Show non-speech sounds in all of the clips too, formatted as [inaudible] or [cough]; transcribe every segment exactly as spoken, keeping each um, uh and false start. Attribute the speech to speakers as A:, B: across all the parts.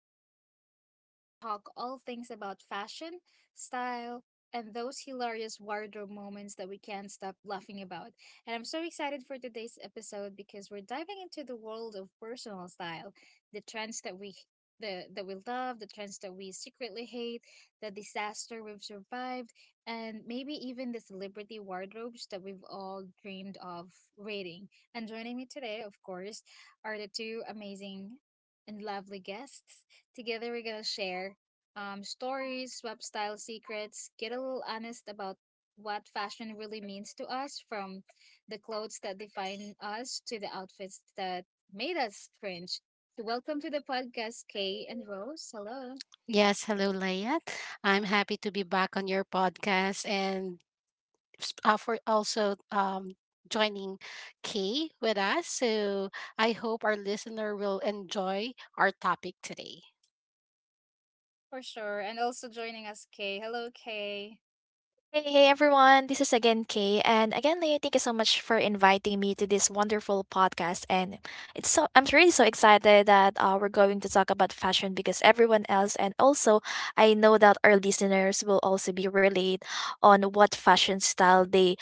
A: podcast, the show where we talk all things about fashion, style, and those hilarious wardrobe moments that we can't stop laughing about. And I'm so excited for today's episode because we're diving into the world of personal style, the trends that we the that we love, the trends that we secretly hate, the disaster we've survived, and maybe even the celebrity wardrobes that we've all dreamed of raiding. And joining me today, of course, are the two amazing and lovely guests. Together, we're going to share um, stories, web style secrets, get a little honest about what fashion really means to us, from the clothes that define us to the outfits that made us cringe. So, welcome to the podcast, Kay and Rose. Hello.
B: Yes, hello, Leia. I'm happy to be back on your podcast and s- uh, for also um, joining Kay with us. So I hope our listener will enjoy our topic today.
A: For sure. And also joining us, Kay. Hello, Kay.
C: Hey, hey everyone, this is again Kay, and again, Leah, thank you so much for inviting me to this wonderful podcast. And it's so I'm really so excited that uh, we're going to talk about fashion because everyone else, and also I know that our listeners will also be relayed on what fashion style they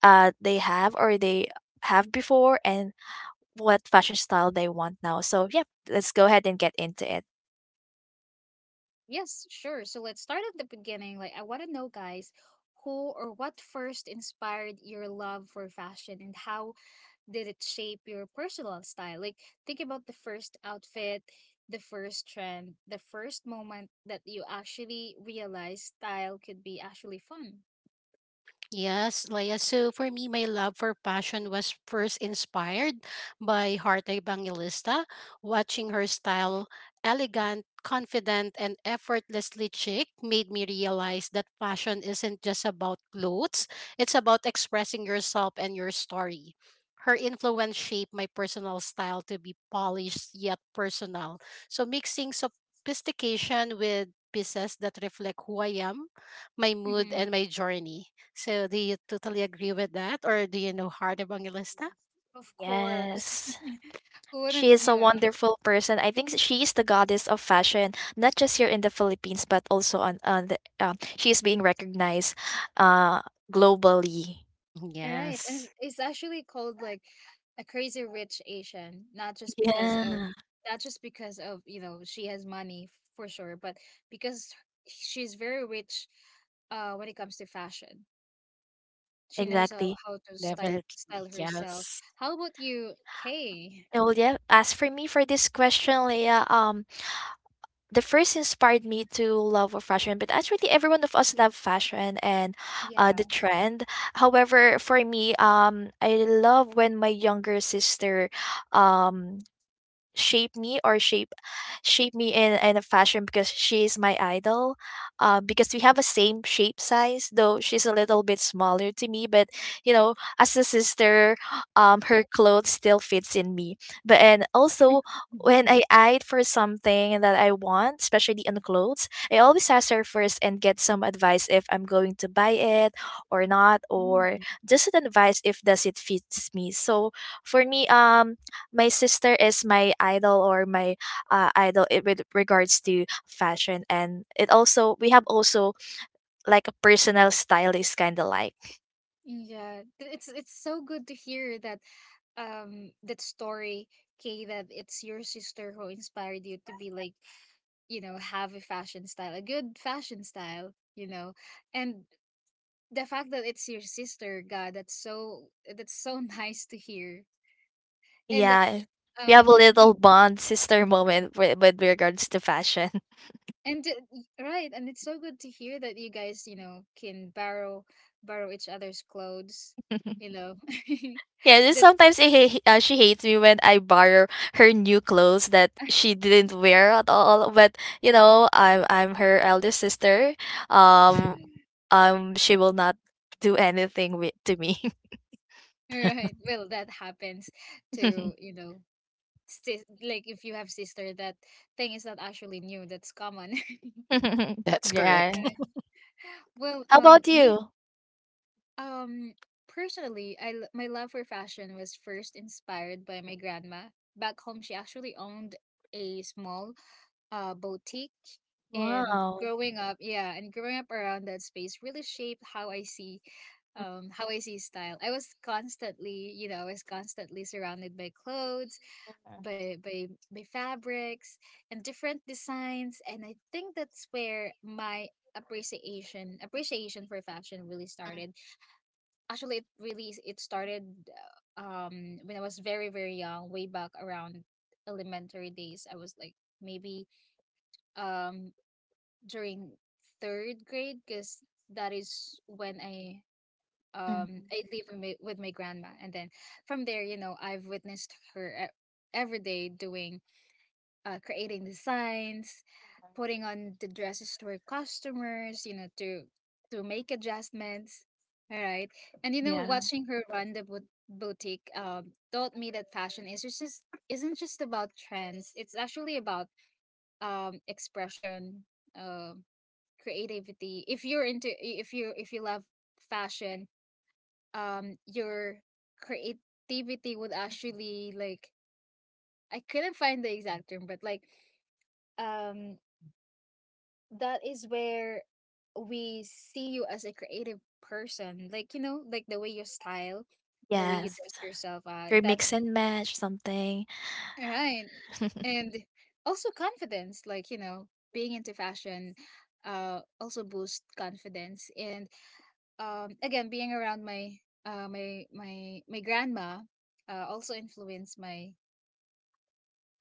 C: uh they have or they have before, and what fashion style they want now. So yeah, let's go ahead and get into it.
A: Yes, sure. So let's start at the beginning. Like, I want to know, guys, who or what first inspired your love for fashion, and how did it shape your personal style? Like, think about the first outfit, the first trend, the first moment that you actually realized style could be actually fun.
B: Yes, Leia. So for me, my love for fashion was first inspired by Heart Evangelista, watching her style, elegant, confident, and effortlessly chic, made me realize that fashion isn't just about clothes, it's about expressing yourself and your story. Her influence shaped my personal style to be polished yet personal. So mixing sophistication with pieces that reflect who I am, my mood,
A: Mm-hmm.
B: and my journey. So do you totally agree with that, or do you know Heart of Bangilista?
A: Of course.
C: Yes.
A: [laughs] Who
C: She
A: wouldn't,
C: is
A: you
C: a
A: know?
C: wonderful person. I think she is the goddess of fashion, not just here in the Philippines, but also on on the. Um, she is being recognized, uh, globally.
B: Mm,
A: Right. And it's,
B: yes,
A: it's actually called like a crazy rich Asian, not just because of,
C: Yeah,
A: not just because of, you know, she has money f- for sure, but because she's very rich uh when it comes to fashion. She knows how,
C: exactly.
A: how to style
B: definitely.
A: style herself.
B: Yes.
A: How about you, Kay?
C: Oh yeah. As for me for this question, Leah, um, the first inspired me to love of fashion, but actually every one of us love fashion and uh, the
A: Yeah.
C: trend. However, for me, um, I love when my younger sister, um, shape me or shape shape me in in a fashion because she is my idol, um because we have a same shape size, though she's a little bit smaller to me. But you know, as a sister, um her clothes still fits in me, but and also
A: [laughs]
C: when I eyed for something that I want, especially on clothes, I always ask her first and get some advice if I'm going to buy it or not, or
A: Mm,
C: just an advice if does it fits me. So for me, um, my sister is my idol or my uh, idol i- with regards to fashion, and it also we have also like a personal stylist kind of like.
A: yeah, th- it's it's so good to hear that um that story, Kay, that it's your sister who inspired you to be like, you know, have a fashion style, a good fashion style, you know. And the fact that it's your sister, god, that's so, that's so [laughs] nice to hear. And uh,
C: Yeah, we have
A: um
C: a little
A: y-
C: bond sister moment with, with regards to fashion.
A: and uh, y- right, and it's so good to hear that you guys, you know, can borrow borrow each other's clothes, you
C: [laughs]
A: know.
C: Yeah,
A: [laughs]
C: just
A: That's
C: sometimes he, he, uh, she hates me when I borrow her new clothes that
A: [laughs]
C: she didn't wear at all. But you know, i'm i'm her elder sister,
B: Mhm.
C: um um she will not do anything with, to me.
B: Yeah, [laughs]
A: right. Well, that happens to,
C: [laughs]
A: you know, sis, like if you have sister, that thing is not actually new, that's common. [laughs]
C: [laughs]
B: that's
C: Yeah.
B: correct.
A: Right.
B: [laughs]
A: Well,
C: How
A: um
C: about
A: me.
C: you?
A: Um, Personally, I l- my love for fashion was first inspired by my grandma. Back home, she actually owned a small uh boutique, and
C: Wow.
A: growing up, yeah, and growing up around that space really shaped how I see, um how I see style. I was constantly, you know, I was constantly surrounded by clothes,
C: Uh,
A: by by by fabrics and different designs, and I think that's where my appreciation appreciation for fashion really started. Actually, it really it started uh, um when I was very very young, way back around elementary days. I was like maybe, um during third grade, because that is when I, um
C: Mhm.
A: I live with my, with my grandma. And then from there, you know, I've witnessed her e- every day doing, uh, creating designs, putting on the dresses to our customers, you know, to to make adjustments. All right. And you know,
C: Yeah.
A: watching her run the bo- boutique um, taught me that fashion is just isn't just about trends. It's actually about um, expression, um, creativity. If you're into, if you if you love fashion, um, your creativity would actually like, I couldn't find the exact term, but like, um that is where we see you as a creative person, like you know, like the way you style, the way you
C: Yes.
A: dress yourself, uh
C: Your
A: that.
C: mix and match something.
A: Right. And also confidence, like you know, being into fashion uh also boost confidence. And um again, being around my uh my my my grandma uh also influenced my,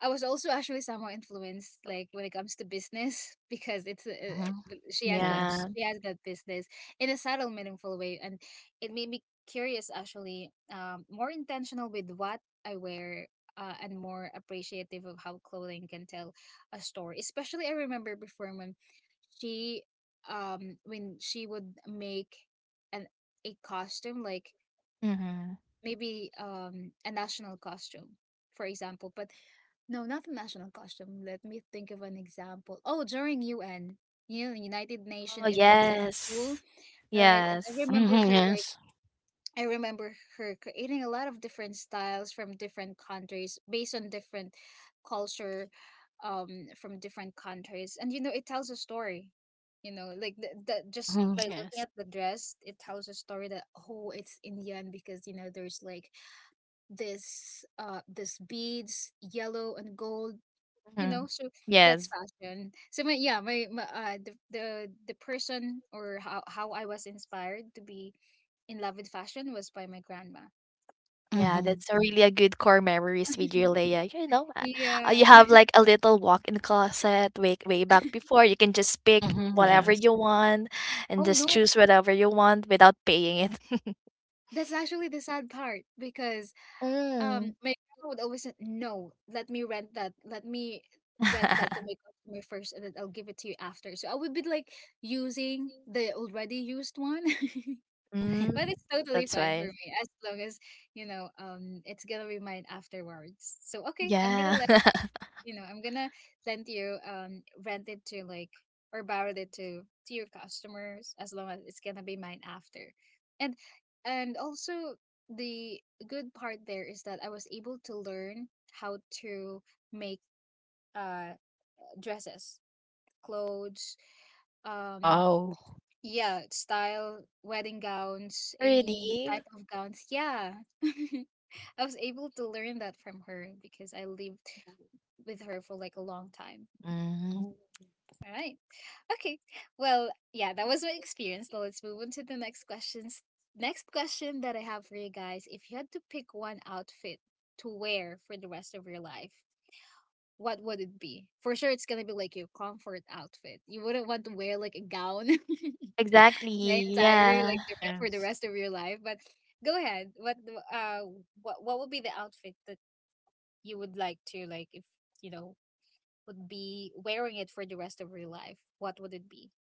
A: I was also actually somehow influenced, like when it comes to business, because it's uh,
B: Hmm.
A: uh, she has the,
B: Yes.
C: Yeah.
A: she has that business in a subtle, meaningful way, and it made me curious, actually, um, more intentional with what I wear, uh, and more appreciative of how clothing can tell a story. Especially, I remember before when she, um, when she would make an a costume, like
C: Hmm.
A: maybe um a national costume, for example. But no, not a national costume. Let me think of an example. Oh, during U N, you know, United
C: Oh,
A: Nation events at school,
C: yes.
A: right? And I
C: Yes.
A: remember
B: Hmm.
A: her like,
B: Yes.
A: I remember her creating a lot of different styles from different countries based on different culture um from different countries. And you know, it tells a story. You know, like the, the, just
B: Hmm.
A: by looking
B: Yes.
A: at the dress, it tells a story that, oh, it's Indian because you know there's like this uh this beads, yellow and gold, you
C: Hmm.
A: know. So that's
C: Yes.
A: fashion. So my, yeah, my, my uh the, the the person, or how how I was inspired to be in love with fashion, was by my grandma.
C: Yeah,
B: Hmm.
C: that's a really a good core memories with you, Leia. You know,
A: [laughs]
C: uh, uh, you
A: Yeah.
C: have like a little walk-in closet way, way back before. You can just pick
B: Hmm.
C: whatever
B: Yes.
C: you want and
A: Oh
C: just
A: no,
C: choose whatever you want without paying it.
A: that's actually the sad part because um
C: Mm.
A: my grandma would always say, no, let me rent that, let me rent that to
C: [laughs]
A: my customer first, and then I'll give it to you after. So I would be like using
C: Mhm.
A: the already used one. [laughs]
C: Mm.
A: But
B: [laughs]
A: it's totally
C: That's
A: fine for
C: why.
A: me, as long as, you know, um it's gonna be mine afterwards. So okay, I'm
C: Yeah.
A: gonna let,
C: [laughs]
A: you know, I'm gonna lend you, um rent it to, like, or borrow it to to your customers, as long as it's gonna be mine after. And and also, the good part there is that I was able to learn how to make uh dresses, clothes, um
B: Wow.
A: yeah, style, wedding gowns, any type
C: Really?
A: of gowns. Yeah. [laughs] I was able to learn that from her because I lived with her for like a long time.
C: Mhm.
B: Mm,
A: All right. Okay. Well, yeah, that was my experience. Now let's move on to the next questions. Next question that I have for you guys: if you had to pick one outfit to wear for the rest of your life, what would it be? For sure, it's going to be like your comfort outfit. You wouldn't want to wear like a gown [laughs]
C: Exactly.
A: the entire,
C: Yeah.
A: like the re- for the
B: Yes.
A: rest of your life. But go ahead. What the- uh what what would be the outfit that you would like to, like if you know would be wearing it for the rest of your life? What would it be?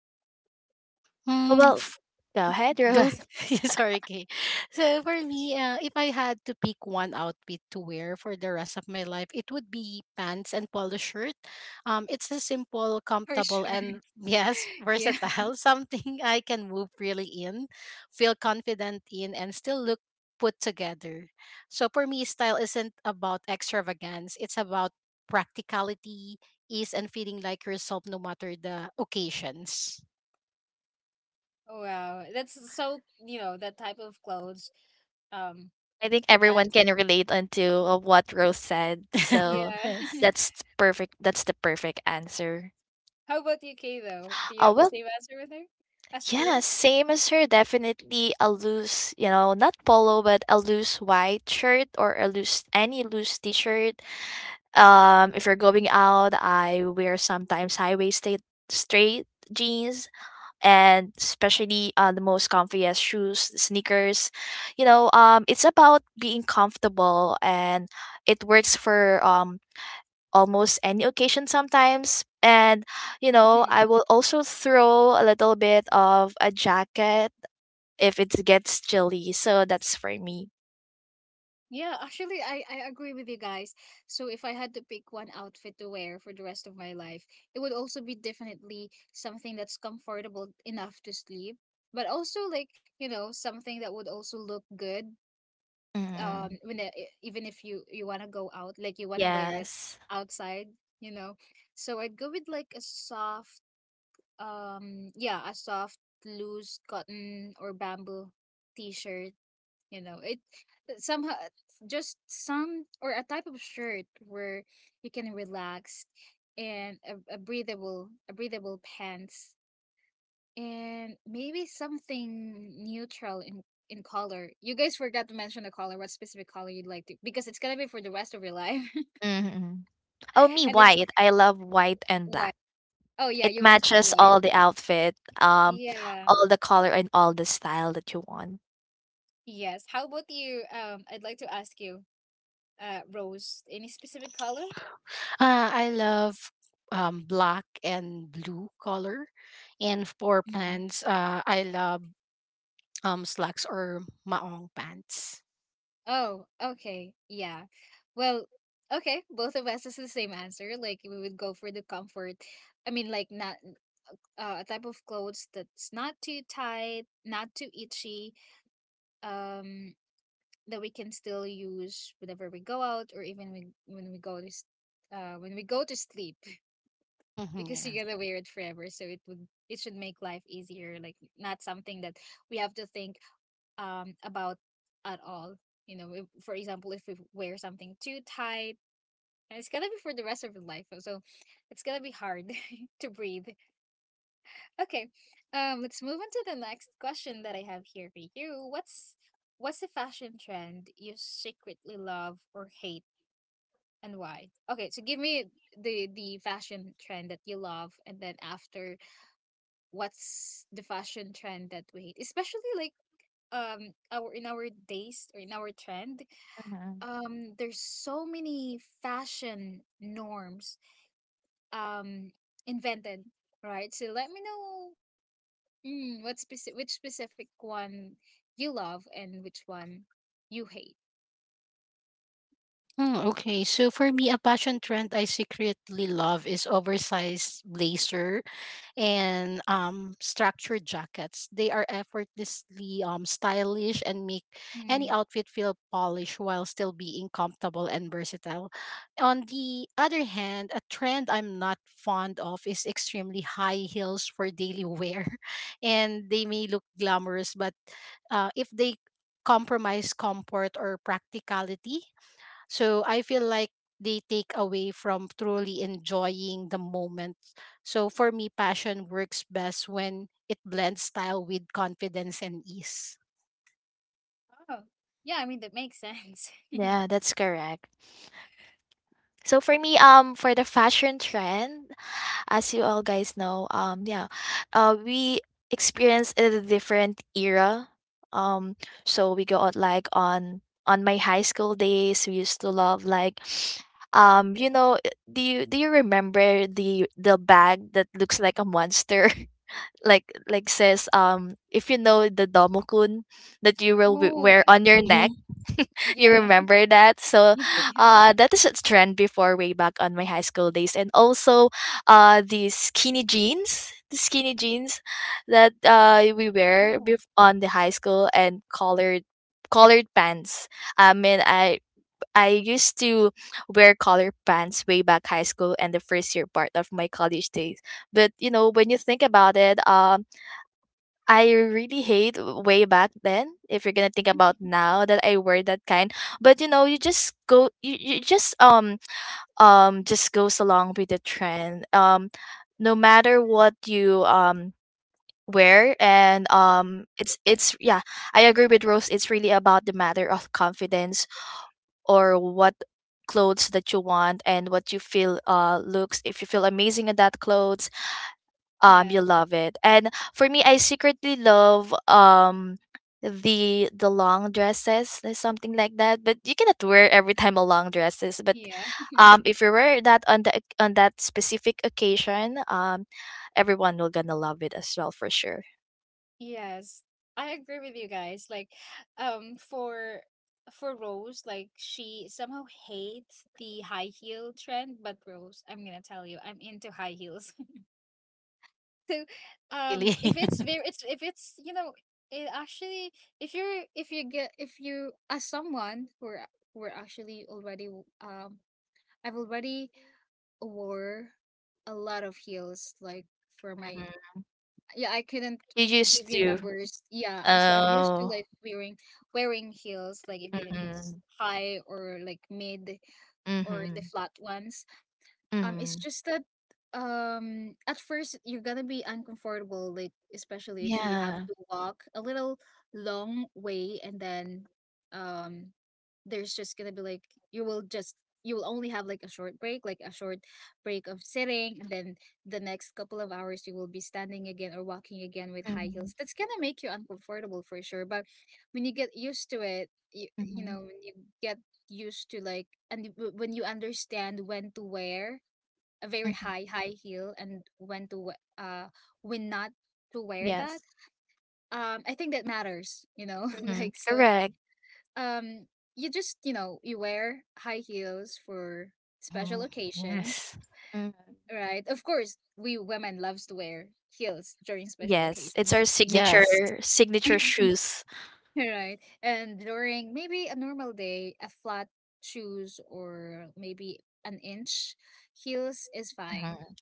C: Oh,
B: Mm,
C: well, go ahead,
B: Go-
C: Rose.
B: [laughs] Sorry, Kay. So for me, uh, if I had to pick one outfit to wear for the rest of my life, it would be pants and polo shirt. Um, it's a simple,
A: [laughs] For
B: comfortable,
A: sure.
B: and yes,
A: Yeah.
B: versatile. [laughs] Something I can move freely in, feel confident in, and still look put together. So for me, style isn't about extravagance. It's about practicality, ease, and feeling like yourself no matter the occasions.
A: Oh, wow. That's so, you know, that type of clothes. Um,
C: I think
A: the
C: everyone
A: pants.
C: can relate onto uh, what Rose said.
B: [laughs]
C: So
A: Yeah.
B: Yes.
A: [laughs]
C: that's perfect. That's the perfect answer.
A: How about you, Kay? Though, do you
C: Oh,
A: have the
C: well,
A: same answer with her, as
C: yeah,
A: her?
C: same as her. Definitely a loose, you know, not polo, but a loose white shirt or a loose, any loose t shirt. Um, if you're going out, I wear sometimes high waisted straight jeans, and especially uh, the most comfiest shoes, sneakers. You know, um, it's about being comfortable, and it works for um, almost any occasion sometimes. And, you know, I
A: [laughs]
C: will also throw a little bit of a jacket if it gets chilly. So that's for me.
A: Yeah, actually, I, I agree with you guys. So, if I had to pick one outfit to wear for the rest of my life, it would also be definitely something that's comfortable enough to sleep, but also like, you know, something that would also look good. Um,
C: Mm,
A: when it, e- even if you you want to go out, like you want to wear it
C: yes.
A: outside, you know. So I'd go with like a soft, um, yeah, a soft loose cotton or bamboo t-shirt. You know, it somehow just some, or a type of shirt where you can relax, and a, a breathable a breathable pants, and maybe something neutral in in color. You guys forgot to mention the color, what specific color you'd like to, because it's gonna be for the rest of your life.
C: Hmm. Oh,
A: [laughs]
C: me,
A: And it's
C: white. I love white and
A: white.
C: black.
A: Oh yeah,
C: It
A: you mentioned
C: matches
A: white.
C: all the outfit, um,
A: Yeah.
C: all the color and all the style that you want.
A: Yes. How about you, um I'd like to ask you, uh Rose, any specific color?
B: Uh, I love um, black and blue color. And for pants, uh, I love um, slacks or maong pants.
A: Oh, okay. Yeah. Well, okay. Both of us is the same answer. Like we would go for the comfort. I mean, like not uh, a type of clothes, that's not too tight, not too itchy. Um, that we can still use whenever we go out, or even when when we go to, s- uh, when we go to sleep, [laughs] because
B: [laughs]
A: you're gonna wear it forever. So it would, it should make life easier. Like not something that we have to think um about at all. You know, if, for example, if we wear something too tight, and it's gonna be for the rest of your life, so it's gonna be hard [laughs] to breathe. Okay, um, let's move on to the next question that I have here for you. What's what's the fashion trend you secretly love or hate, and why? Okay, so give me the the fashion trend that you love, and then after, what's the fashion trend that we hate, especially like um our, in our days or in our trend,
C: Mhm.
A: um there's so many fashion norms um invented, right? So let me know, mm, what specific, which specific one you love and which one you hate.
B: Mm, okay, so for me, a fashion trend I secretly love is oversized blazer and um, structured jackets. They are effortlessly um, stylish and make any
A: Mm.
B: outfit feel polished while still being comfortable and versatile. On the other hand, a trend I'm not fond of is extremely high heels for daily wear, [laughs] and they may look glamorous, but uh, if they compromise comfort or practicality, so I feel like they take away from truly enjoying the moment. So for me, passion works best when it blends style with confidence and ease.
A: Oh yeah, I mean that makes sense.
C: Yeah, that's correct. So for me, um, for the fashion trend, as you all guys know, um, yeah, uh, we experience a different era. Um, so we go out like on on my high school days. We used to love like, [sniffs] um, you know, uh, do you do you remember the the bag that looks like a monster, [laughs] like like says, um, if you know the domokun, that you
A: [laughs]
C: will w-
A: Oh
C: wear on your neck.
B: Mm-hmm.
C: You
A: yeah.
C: remember that?
A: [laughs]
C: So
A: Yes, yes.
C: uh that is a trend before way back on my high school days. And also uh the skinny jeans the skinny jeans that uh we wear
A: Oh
C: bef- on the high school, and colored colored pants. I mean, i i used to wear colored pants way back high school and the first year part of my college days. But you know, when you think about it, um I really hate way back then. If you're gonna think about now that I wear that kind, but you know, you just go, you, you just um um just goes along with the trend. Um, no matter what you um wear, and um, it's it's yeah, I agree with Rose. It's really about the matter of confidence or what clothes that you want and what you feel uh looks if you feel amazing in that clothes, um
A: yeah.
C: you love it. And for me, I secretly love um the the long dresses or something like that. But you cannot wear every time a long dresses. But
A: Yeah.
C: um if you wear that on the oc- on that specific occasion, um everyone will gonna love it as well for sure.
A: Yes, I agree with you guys. Like, um, for for Rose, like she somehow hates the high heel trend, but Rose, I'm gonna tell you, I'm into high heels. [laughs] So, um,
B: Really.
A: if it's very, it's if it's you know, it actually, if you're if you get if you as someone who are who are actually already um, I've already wore a lot of heels like for my
C: Mhm.
A: yeah, I couldn't
C: You
A: give
C: used
A: you
C: to.
A: numbers. Yeah, uh, so I'm used to
C: Oh.
A: like wearing wearing heels, like even if
C: Mm-hmm.
A: it's high or like mid or the
C: Mm-hmm.
A: flat ones. Um, it's
C: Mm-hmm.
A: just that um at first you're gonna be uncomfortable, like especially if you have
C: Yeah.
A: to walk a little long way, and then um there's just gonna be like you will just you will only have like a short break, like a short break of sitting, and then the next couple of hours you will be standing again or walking again with high
C: Mm-hmm.
A: heels. That's gonna make you uncomfortable for sure. But when you get used to it, you, you know, when you get used to like, and w- when you understand when to wear a very
C: Mm-hmm.
A: high high heel, and when to we- uh when not to wear that,
C: Yes.
A: um I think that matters you know [laughs]
C: Mm-hmm.
A: like so
C: Correct.
A: um you just you know you wear high heels for
B: [laughs]
A: special
B: Hmm.
A: occasions.
B: Yes.
C: Mm-hmm.
A: Right, of course we women loves to wear heels during special
C: Yes, it's
A: occasions.
C: our signature
B: Yes.
C: signature
A: [laughs]
C: shoes.
A: Right, and during maybe a normal day, a flat shoes or maybe an inch heels is fine.
C: Mhm,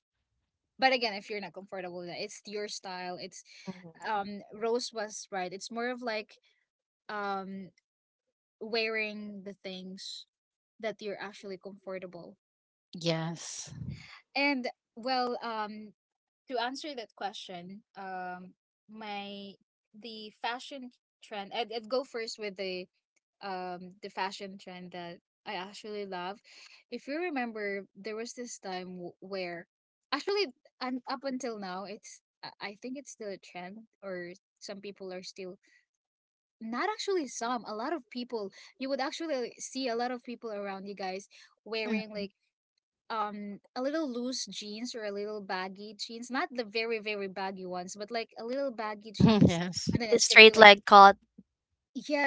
A: But again, if you're not comfortable with that, it's your style. It's
C: mhm,
A: um Rose was right. It's more of like um wearing the things that you're actually comfortable.
B: Yes.
A: And well, um to answer that question, um my the fashion trend I'd, I'd go first with the um the fashion trend that I actually love. If you remember, there was this time w- where actually, and up until now, it's I I think it's still a trend, or some people are still not actually some a lot of people. You would actually see a lot of people around you guys wearing
C: mhm.
A: like um a little loose jeans or a little baggy jeans, not the very very baggy ones, but like a little baggy
B: Mm-hmm.
A: jeans,
B: Yes.
A: and then
C: The
A: it's gonna be
C: straight
A: like
C: leg cut,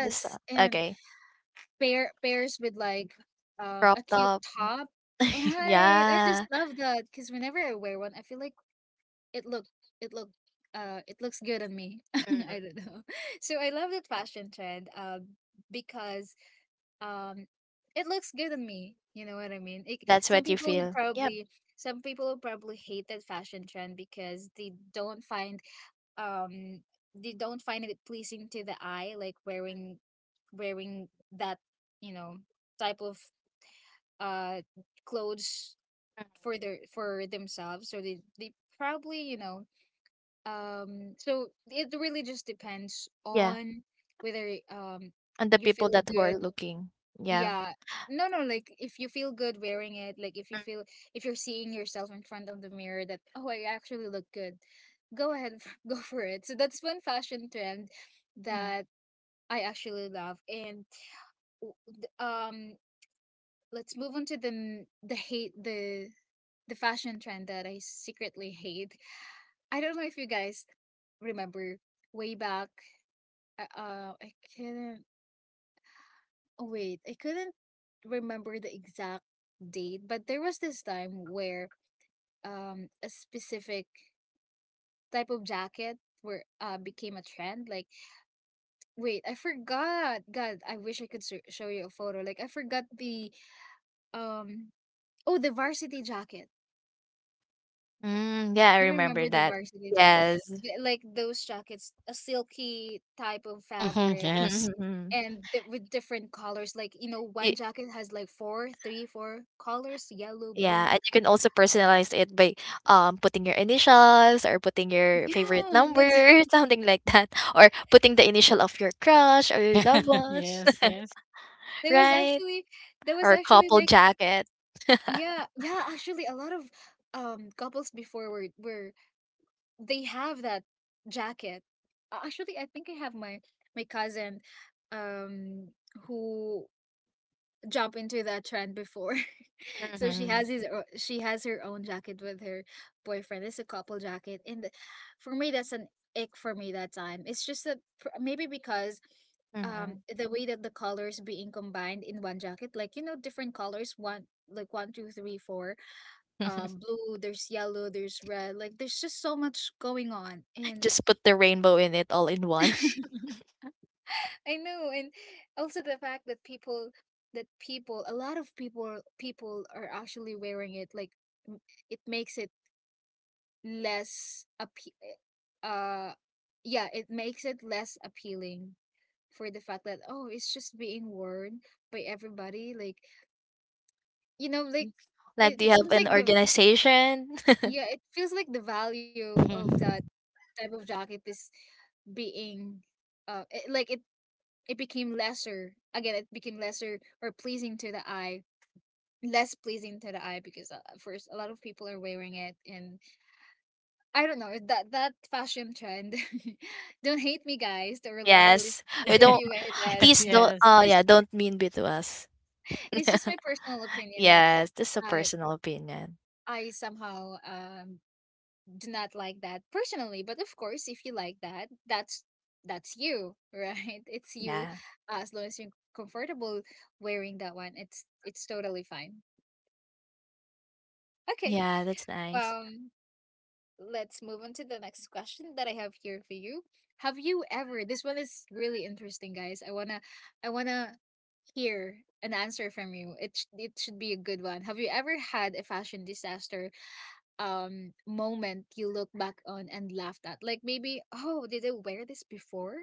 C: this uh,
A: and
C: okay,
A: pair pairs with like um
C: crop
A: a cute
C: top.
A: top.
C: [laughs]
A: Right. I just
C: Yeah,
A: love that because whenever I wear one, I feel like it look it look uh it looks good on me. [laughs]
C: Mhm.
A: I don't know. So I love that fashion trend, um because um it looks good on me. You know what I mean? It,
C: That's
A: some
C: what you
A: people would
C: feel. Yep.
A: probably some people would probably hate that fashion trend because they don't find um they don't find it pleasing to the eye, like wearing wearing that you know type of uh clothes
C: Mhm.
A: for their for themselves, so they they probably you know um So it really just depends
C: Yeah,
A: on whether um
C: and the
A: you
C: people
A: feel
C: that who
A: good,
C: are looking. Yeah.
A: yeah. No, no, like if you feel good wearing it, like if you
C: Mhm,
A: feel if you're seeing yourself in front of the mirror, that, oh, I actually look good. Go ahead, [laughs] go for it. So that's one fashion trend
C: mhm.
A: that I actually love. And w- th- um let's move on to the n- the hate the the fashion trend that I secretly hate. I don't know if you guys remember, way back, uh uh, I can not wait, I couldn't remember the exact date, but there was this time where um a specific type of jacket were uh became a trend. Like, wait, I forgot. God, I wish I could s show you a photo. Like, I forgot the um oh the varsity jacket.
C: Mm, yeah, I
A: You
C: remember
A: remember the
C: that.
A: varsity jacket?
C: Yes.
A: Like those jackets, a silky type of
B: Mm-hmm.
A: fabric.
B: Yes.
C: [laughs]
A: And th- with different colors, like you know, one jacket has like four, three, four colors: yellow,
C: Yeah,
A: blue,
C: and you can also personalize it by, um, putting your initials or putting your favorite
A: yeah,
C: number,
A: that's [laughs]
C: [laughs] something like that, or putting the initial of your crush or your loved
B: [laughs]
C: one,
B: Yes. Yes.
A: there was
C: right?
A: actually there was
C: Or
A: actually
C: couple
A: like
C: jacket.
A: yeah,
C: [laughs]
A: yeah, actually a lot of um couples before were were they have that jacket. Uh, Actually, I think I have my my cousin um who jump into that trend before. [laughs] So she
C: Hmm.
A: has his o- she has her own jacket with her boyfriend. It's a couple jacket, and th- for me, that's an ick for me that time. It's just that pr- maybe because um
C: Hmm.
A: the way that the colors being combined in one jacket, like you know, different colors, one like one two three four,
C: [laughs]
A: um blue, there's yellow, there's red, like there's just so much going on. And
C: Just put the rainbow in it all in one.
A: [laughs] I know, and also the fact that people, that people a lot of people people are actually wearing it, like m- it makes it less appe- uh yeah, it makes it less appealing, for the fact that, oh, it's just being worn by everybody, like you know like
C: Like,
A: it,
C: do you
A: it
C: have
A: seems like
C: an
A: the
C: organization? [laughs]
A: yeah, it feels like the value of
B: Mm-hmm.
A: that type of jacket is being uh it, like it it became lesser. Again, it became lesser or pleasing to the eye, less pleasing to the eye, because uh, first a lot of people are wearing it, and I don't know that that fashion trend. [laughs] Don't hate me, guys, to our lovely
C: Yes. We
A: listeners, if
C: don't,
A: you wear that.
C: please don't,
A: It's
C: oh yeah,
A: just
C: don't mean be to us.
A: it's
C: [laughs]
A: just my personal opinion that
C: Yes, this is a
A: I
C: personal opinion.
A: I somehow um do not like that personally, but of course if you like that, that's that's you, right? [laughs] It's you.
C: Yeah.
A: Uh, as long as you're comfortable wearing that one, it's it's totally fine. Okay,
C: Yeah, that's nice.
A: um let's move on to the next question that I have here for you. Have you ever This one is really interesting, guys. i want to I want to hear an answer from you. It sh- it should be a good one. Have you ever had a fashion disaster um moment you look back on and laughed at? Like, maybe, oh, did I wear this before?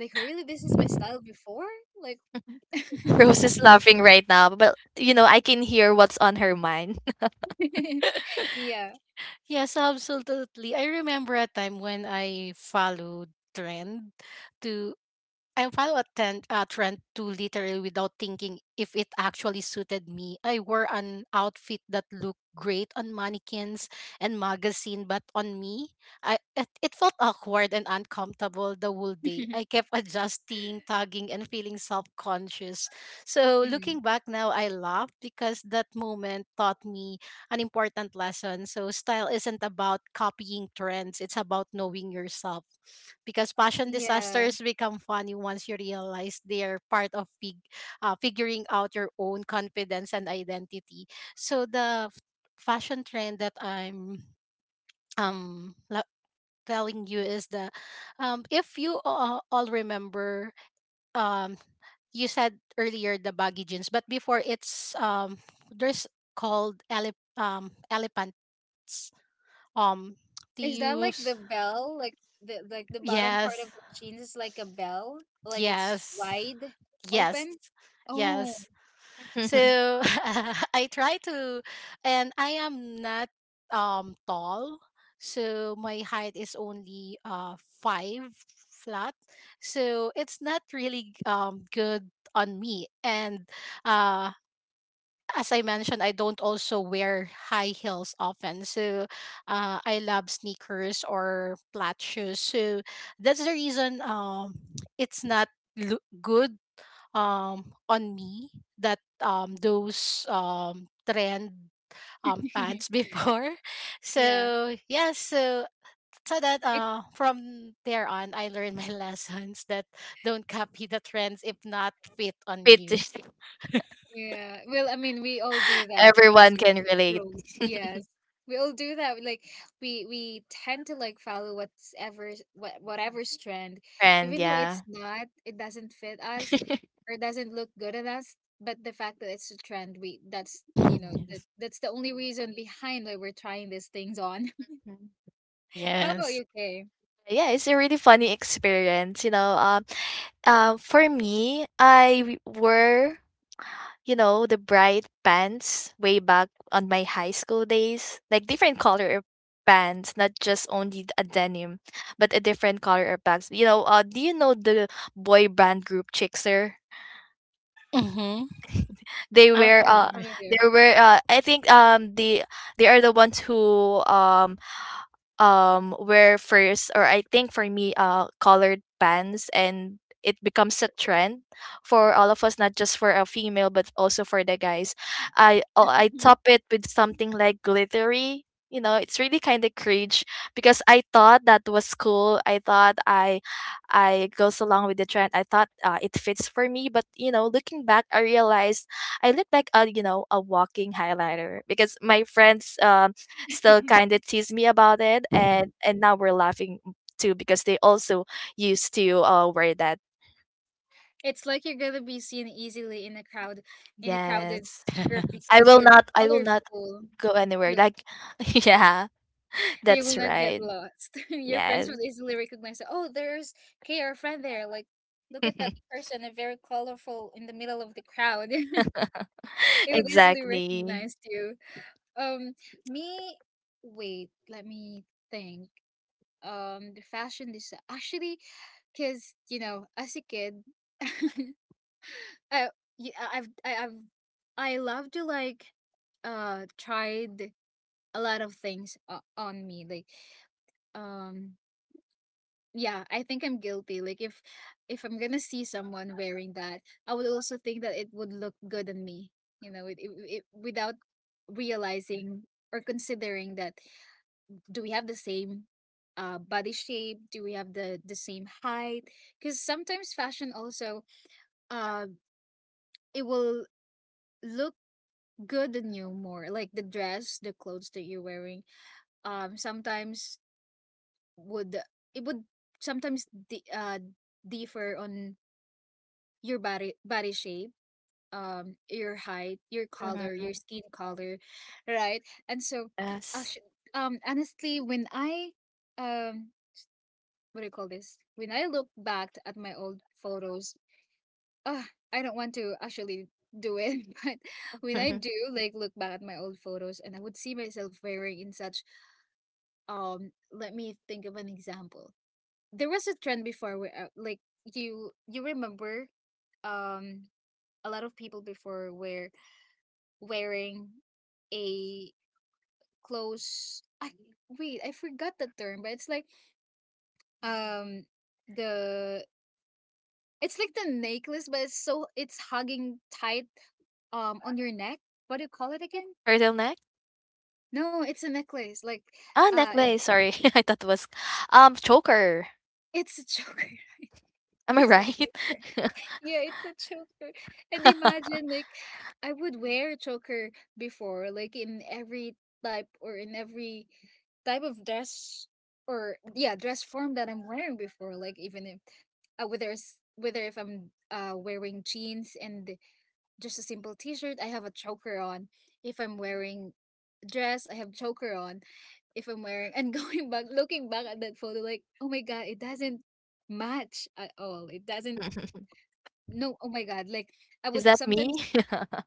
A: Like really, this is my style before? Like
C: [laughs]
A: [laughs]
C: Rose is laughing right now, but you know, I can hear what's on her mind.
B: [laughs] Yes. [laughs]
A: yeah.
B: Yes, absolutely. I remember a time when I followed trend to I follow a trend, a trend to literally without thinking if it actually suited me. I wore an outfit that looked great on mannequins and magazine, but on me, I it, it felt awkward and uncomfortable the whole day. I
A: [laughs]
B: kept [laughs] adjusting, tugging, and feeling self-conscious. So
A: Hmm.
B: looking back now, I laugh because that moment taught me an important lesson. So style isn't about copying trends, it's about knowing yourself. Because fashion
A: Yeah.
B: disasters become funny once you realize they're part of fig- uh, figuring out your own confidence and identity. So the f- fashion trend that I'm um la- telling you is the um if you uh, all remember, um you said earlier the baggy jeans, but before it's um there's called ele- um, elephant products. Um, do
A: Is that like the
B: use.
A: bell? Like the like the bottom part
B: Yes,
A: of the jeans is like a bell? Like it's
B: yes,
A: wide
B: yes,
A: open? Oh.
B: yes.
C: [laughs]
B: So [laughs] I try to, and I am not um tall, so my height is only uh five flat. So it's not really um good on me, and uh as I mentioned, I don't also wear high heels often. So uh, I love sneakers or flat shoes. So that's the reason um, it's not loo- good um, on me that um, those um, trend um, pants
A: [laughs]
B: before. [laughs]
A: Yeah.
B: So, yeah, so. So that
A: It's
B: uh, from there on, I learned my [laughs] lessons that don't copy the trends if not fit on
C: Pity.
B: you.
A: Yeah. Well, I mean, we all do that. Where's
C: Everyone
A: it?
C: can relate.
A: Rules. Yes. We all do that. Like, we we tend to like follow whatever, what whatever trend,
C: And
A: even though
C: yeah.
A: it's not, it doesn't fit us, or doesn't look good on us. But the fact that it's a trend, we that's you
B: [laughs]
A: know that
B: Yes.
A: that's the only reason behind why we're trying these things on.
C: Mhm.
A: [laughs] How about
B: Yes.
A: you, Kay?
C: Yeah, it's a really funny experience, you know. Um, uh, for me, I w- were, you know, the bright pants way back on my high school days, like different color pants, not just only a denim, but a different color pants. You know, uh, do you know the boy band group Chickser?
B: Mm-hmm.
C: They
B: I'm
C: were
A: That's
C: uh,
B: familiar.
C: they
A: familiar.
C: were uh, I think um the they are the ones who um um where first, or I think for me uh colored pants, and it becomes a trend for all of us, not just for a female but also for the guys. I oh, I top it with something like glittery. You know, it's really kind of cringe because I thought that was cool. I thought I I goes along with the trend. I thought uh, it fits for me, but you know, looking back, I realized I look like a you know a walking highlighter, because my friends uh still kind
A: [laughs]
C: of tease me about it,
B: Mhm.
C: and and now we're laughing too because they also used to uh, wear that.
A: It's like you're gonna be seen easily in a crowd, in a crowded
C: Yes,
A: group,
B: [laughs]
C: I
A: because
C: will
A: you're
C: not. I will not
A: colorful.
C: go anywhere.
A: You
C: Like, [laughs] yeah,
A: you will
C: that's
A: not get
C: right.
A: lost. [laughs] Your friends
C: Yes,
A: will easily recognize that, oh, there's K, our friend there. Like, look at that person, uh, very colorful in the middle of the crowd. [laughs]
C: [laughs]
A: They would easily
C: exactly.
A: recognize you. Um, me, wait, Let me think. Um, the fashion design, actually, because you know, as a kid, [laughs] I, y- I- I've, I- I've, I love to like, uh, tried a lot of things, uh, on me, like um yeah, I think I'm guilty. Like, if if I'm gonna see someone wearing that, I would also think that it would look good on me. you know it, it, it, Without realizing or considering that, do we have the same, uh, body shape? Do we have the the same height? Because sometimes fashion also, uh it will look good on you more. Like the dress, the clothes that you're wearing, um sometimes would it would sometimes di- uh differ on your body body shape, um your height, your color,
C: Mhm.
A: your skin color, right? And so
C: Yes.
A: actually, um honestly, when I um what do you call this, when I look back at my old photos, ah, I don't want to actually do it, [laughs] but when I do
C: [laughs]
A: like look back at my old photos, and I would see myself wearing in such, um let me think of an example. There was a trend before where, uh, like, you you remember, um a lot of people before were wearing a close, I wait, I forgot the term. But it's like, um the it's like the necklace, but it's so it's hugging tight, um on your neck. What do you call it again?
C: Turtleneck? Neck?
A: No, it's a necklace. Like,
C: Ah,
A: uh it,
C: necklace. Sorry, [laughs] I thought it was um choker.
A: it's a choker. [laughs]
C: Am I
A: It's a
C: right?
A: choker. Yeah, it's a choker. And imagine, like, I would wear a choker before, like in every type, or in every type of dress, or yeah, dress form that I'm wearing before. Like, even if, uh, whether it's whether if I'm uh wearing jeans and just a simple t-shirt, I have a choker on. If I'm wearing dress, I have choker on. If I'm wearing and [laughs] going back looking back at that photo like, "Oh my God, it doesn't match at all. It doesn't
C: [laughs]
A: no oh my god, like I
C: Is
A: would
C: that me?
A: sometimes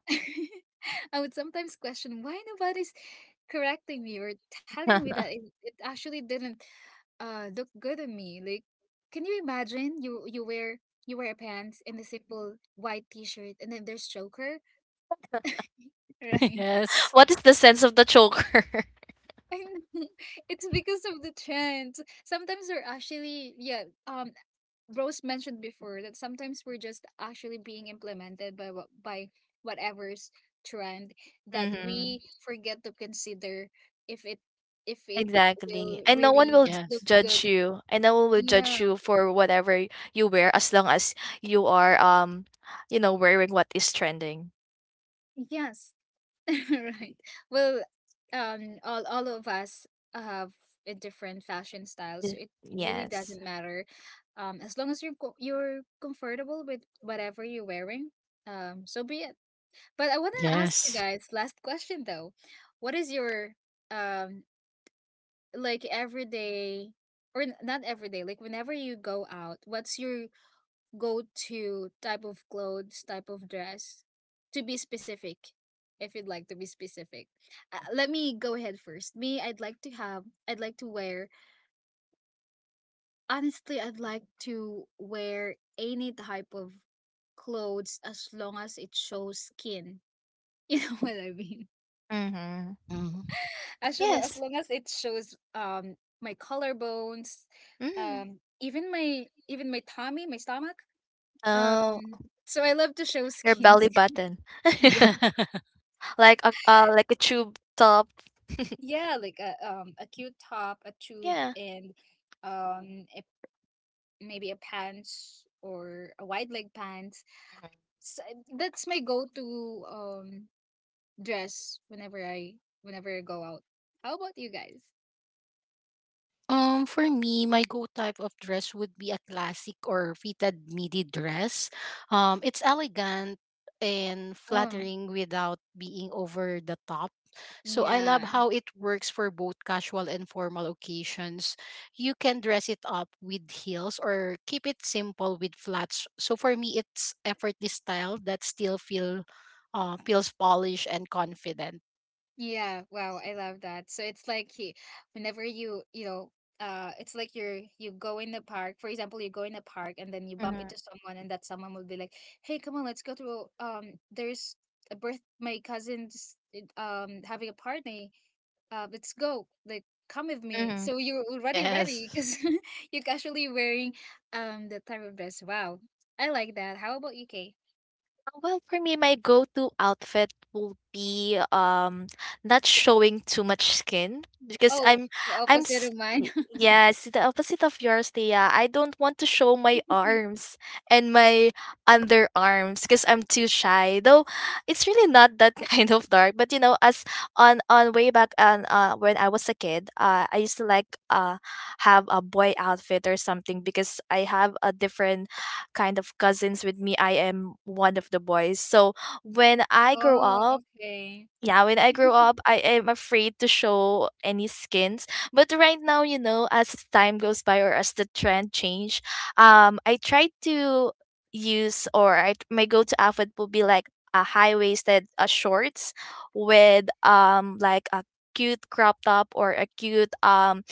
A: [laughs] I would sometimes question why nobody's correcting me or telling me
C: [laughs]
A: that it, it actually didn't uh look good on me. Like, can you imagine you you wear you wear pants and a simple white t-shirt and then there's joker [laughs]
B: Yes.
A: right?
B: Yes.
C: What is the sense of the choker?
A: I know. [laughs] It's because of the trends. Sometimes they're actually yeah, um Rose mentioned before that sometimes we're just actually being implemented by what by whatever's trend,
C: [laughs]
A: that
C: Hmm.
A: we forget to consider if it if it
C: Exactly,
A: will
C: and no one
A: really
C: will j
B: Yes.
A: look good.
C: judge you, and no one will judge
A: Yeah.
C: you for whatever y- you wear, as long as you are, um, you know, wearing what is trending.
A: Yes. [laughs] Right. Well, um, all all of us have a different fashion style,
C: Y
A: so it really
C: Yes.
A: doesn't matter. Um, as long as you're co- you're comfortable with whatever you're wearing, um, so be it. But I want to ask you
B: Yes.
A: guys last question though. What is your um like everyday, or n- not every day, like whenever you go out, what's your go-to type of clothes, type of dress? To be specific, if you'd like to be specific. Uh, let me go ahead first. Me, I'd like to have I'd like to wear, honestly, I'd like to wear any type of clothes as long as it shows skin. [laughs] You know what I mean?
C: Mhm.
B: Mm-hmm.
A: as lo- as
C: Yes.
A: long as it shows um my collarbones,
C: Mm.
A: um even my even my tummy, my stomach,
C: Oh,
A: um so I love to show
C: your belly
A: skins.
C: button. [laughs]
A: [laughs] Yeah,
B: [laughs]
C: Like a uh, like a tube top. [laughs]
A: yeah, like a um a cute top, a tube,
C: Yeah.
A: and um a, maybe a pants or a wide leg pants, so that's my go-to um dress whenever i whenever I go out. How about you guys?
B: Um, for me, my go type of dress would be a classic or fitted midi dress. Um, it's elegant and
A: Oh,
B: flattering without being over the top. So I
A: yeah.
B: love how it works for both casual and formal occasions. You can dress it up with heels or keep it simple with flats. So for me, it's effortless style that still feel uh, feels polished and confident.
A: Yeah, wow, I love that. So it's like he, whenever you, you know, uh, it's like you're you go in the park. For example, you go in the park and then you bump
C: Mhm.
A: into someone, and that someone will be like, "Hey, come on, let's go to um, there's a birth. My cousin's uh, um having a party. Uh, let's go. Like, come with me."
C: Mhm.
A: So you're already ready
B: Yes.
A: because [laughs] you're casually wearing um the type of dress. Wow, I like that. How about you, Kay?
C: Uh, Well, for me, my go-to outfit will be um not showing too much skin because
A: Oh,
C: I'm
A: the
C: I'm
A: opposite
C: s-
A: of mine.
C: y- yes, the opposite of yours, Thea. I don't want to show my
A: [laughs]
C: arms and my underarms because I'm too shy. Though it's really not that [laughs] kind of dark. But you know, as on on way back on uh when I was a kid, uh I used to like uh have a boy outfit or something, because I have a different kind of cousins with me. I am one of the boys. So when I grow
A: Oh,
C: up,
A: okay.
C: yeah, when I grow up, I am afraid to show any skins. But right now, you know, as time goes by or as the trend change, um, I try to use or I, my go-to outfit will be like a high-waisted uh, shorts, with um like a cute crop top or a cute um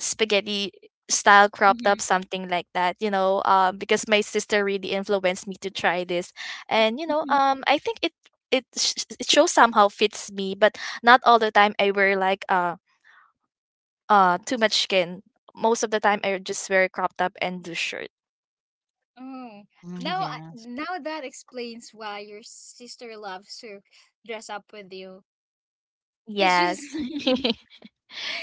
C: spaghetti style crop top,
A: Mm-hmm.
C: something like that. You know um because my sister really influenced me to try this, and you know
A: Mhm.
C: um I think it it sh- it shows, somehow fits me, but not all the time I wear like uh uh too much skin. Most of the time I just wear crop top and do shirt.
A: Oh,
B: Mhm,
A: now I-
B: yes.
A: now that explains why your sister loves to dress up with you. Cause
C: Yes.
A: she's,
C: [laughs]
A: [laughs]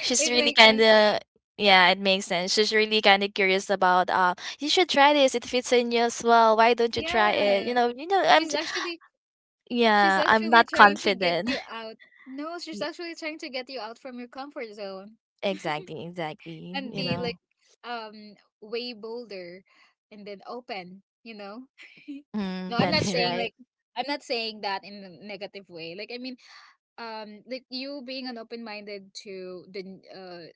C: She's
A: it
C: really
A: makes
C: kind
A: sense
C: of,
A: now.
C: yeah, it makes sense. She's really kind of curious about, uh you should try this, it fits in you as well, why don't you try
A: Yeah,
C: it, you know you know
A: she's
C: i'm j-
A: actually she's
C: yeah, I'm
A: actually
C: not
A: trying to get
C: confident.
A: you out. No, she's
C: Y
A: actually trying to get you out from your comfort zone
C: Exactly, exactly,
A: and
C: you
A: be
B: Mhm.
A: like,
C: know?
A: um, way bolder and then open. You know?
C: Mm,
A: No, I'm not
C: that's
A: saying
B: [laughs]
C: right.
A: like, I'm not saying that in a negative way. Like I mean, um like you being an open minded to the n- uh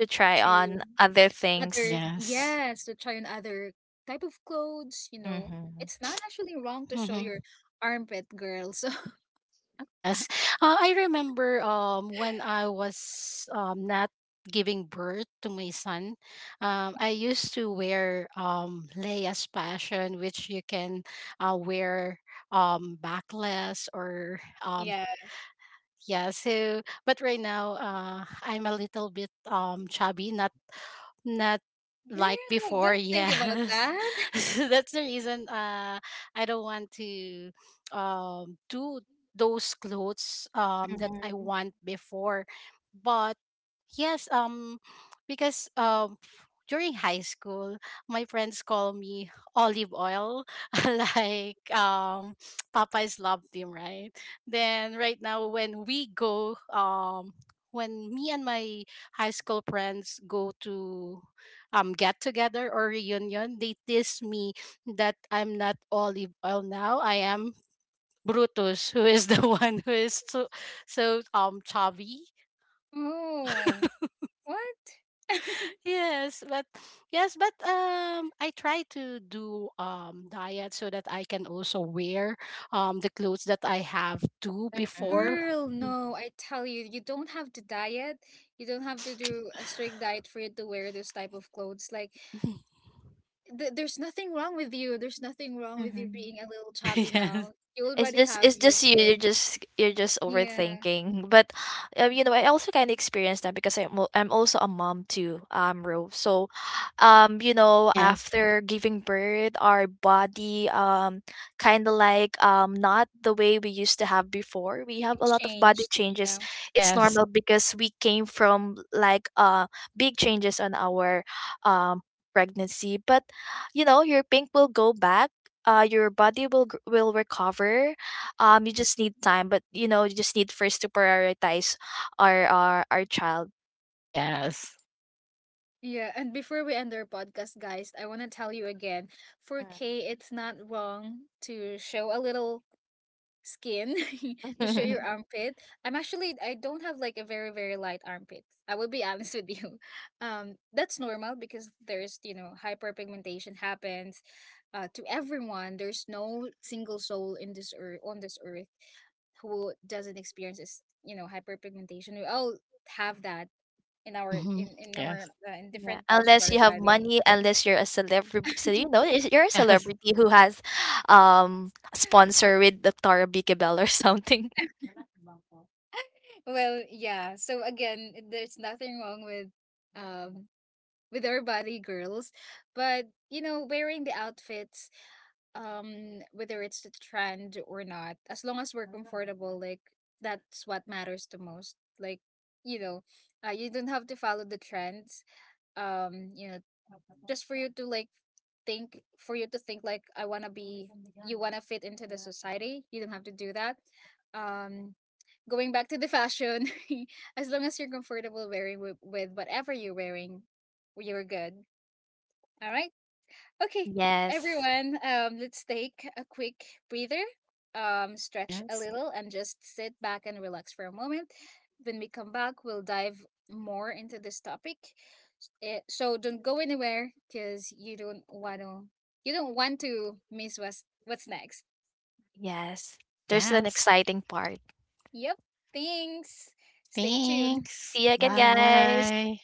C: To try
A: to
C: on other things.
A: other
B: Yes.
A: yes, to try on other type of clothes, you know.
C: Mhm.
A: It's not actually wrong to show your
B: Hmm.
A: armpit, girl, so [laughs]
B: Yes. Uh, I remember um, when I was um, not giving birth to my son, um, I used to wear um, Leia's Passion, which you can uh, wear um, backless or. Um,
A: yeah.
B: yeah, so but right now uh I'm a little bit um chubby, not not like
A: Girl,
B: before,
A: don't think about
B: yes.
A: that.
B: [laughs] So that's the reason uh I don't want to um do those clothes um that I
C: Mhm,
B: want before. But yes, um because um during high school my friends call me olive oil [laughs] like um Papa's love team, right? Then right now when we go um when me and my high school friends go to um get together or reunion, they tease me that I'm not olive oil now. I am Brutus, who is the [laughs] one who is so so um chubby.
A: [laughs] Oh, what?
B: Yes, but yes, but um I try to do um diet so that I can also wear um the clothes that I have to
C: mm,
B: before.
A: Girl, no, I tell you, you don't have to diet. You don't have to do a strict diet for you to wear those type of clothes. Like,
B: [laughs]
A: th- there's nothing wrong with you, there's nothing wrong with you
C: mhm.
A: being a little
B: [laughs]
A: chubby
B: Yes.
A: now. You
C: It's
A: already
C: just
A: have
C: it's
A: your
C: just you. You're
A: kid.
C: just you're just
A: Yeah,
C: overthinking. But um, you know, I also kind of experienced that, because I'm al- I'm also a mom too. Um, Rove. So, um, you know,
B: Yes.
C: after giving birth, our body um kind of like um not the way we used to have before. We have
A: it
C: a lot of body
A: changed.
C: changes.
A: Yeah.
C: It's
B: Yes.
C: normal because we came from like uh big changes on our um pregnancy. But you know your pink will go back, uh your body will gr- will recover, um you just need time. But you know you just need first to prioritize our our, our child.
B: Yes.
A: Yeah, and before we end our podcast, guys, I want to tell you again, for K, it's not wrong to show a little skin, [laughs] to show your
C: Mm.
A: armpit. I'm actually, I don't have like a very, very light armpit. I will be [laughs] honest with you. Um, that's normal because there's, you know, hyperpigmentation happens uh, to everyone. There's no single soul in this earth, on this earth, who doesn't experience this, you know, hyperpigmentation. We all have that in our
B: Hmm.
A: in in our
B: Yes.
A: uh, in
C: [laughs] Yeah,
A: different parts of
C: unless
A: our
C: you have
A: body.
C: money, unless you're a celebrity, so you know is- you're a
B: [laughs] Yes.
C: celebrity who has um a sponsor with doctor Vicky Bell or something.
A: Well, yeah. So again, there's nothing wrong with um with our body, girls, but you know, wearing the outfits, um, whether it's the trend or not, as long as we're comfortable, like that's what matters the most. Like, you know, uh, you don't have to follow the trends, um you know, just for you to like think, for you to think like, I want to be, you want to fit into the society. You don't have to do that. um Going back to the fashion, [laughs] as long as you're comfortable wearing with, with whatever you're wearing, you're good. All right.
C: [laughs]
A: Okay,
C: Yes,
A: everyone, um, let's take a quick breather, um, stretch a
B: Yes.
A: little, and just sit back and relax for a moment. When we come back, we'll dive more into this topic. Eh, so don't go anywhere because you don't want to you don't want to miss what's what's next.
C: yes, there's an
B: Yes.
C: exciting part.
A: Yep. Thanks. Stay tuned.
B: Thanks.
C: See you again, guys.
B: Bye.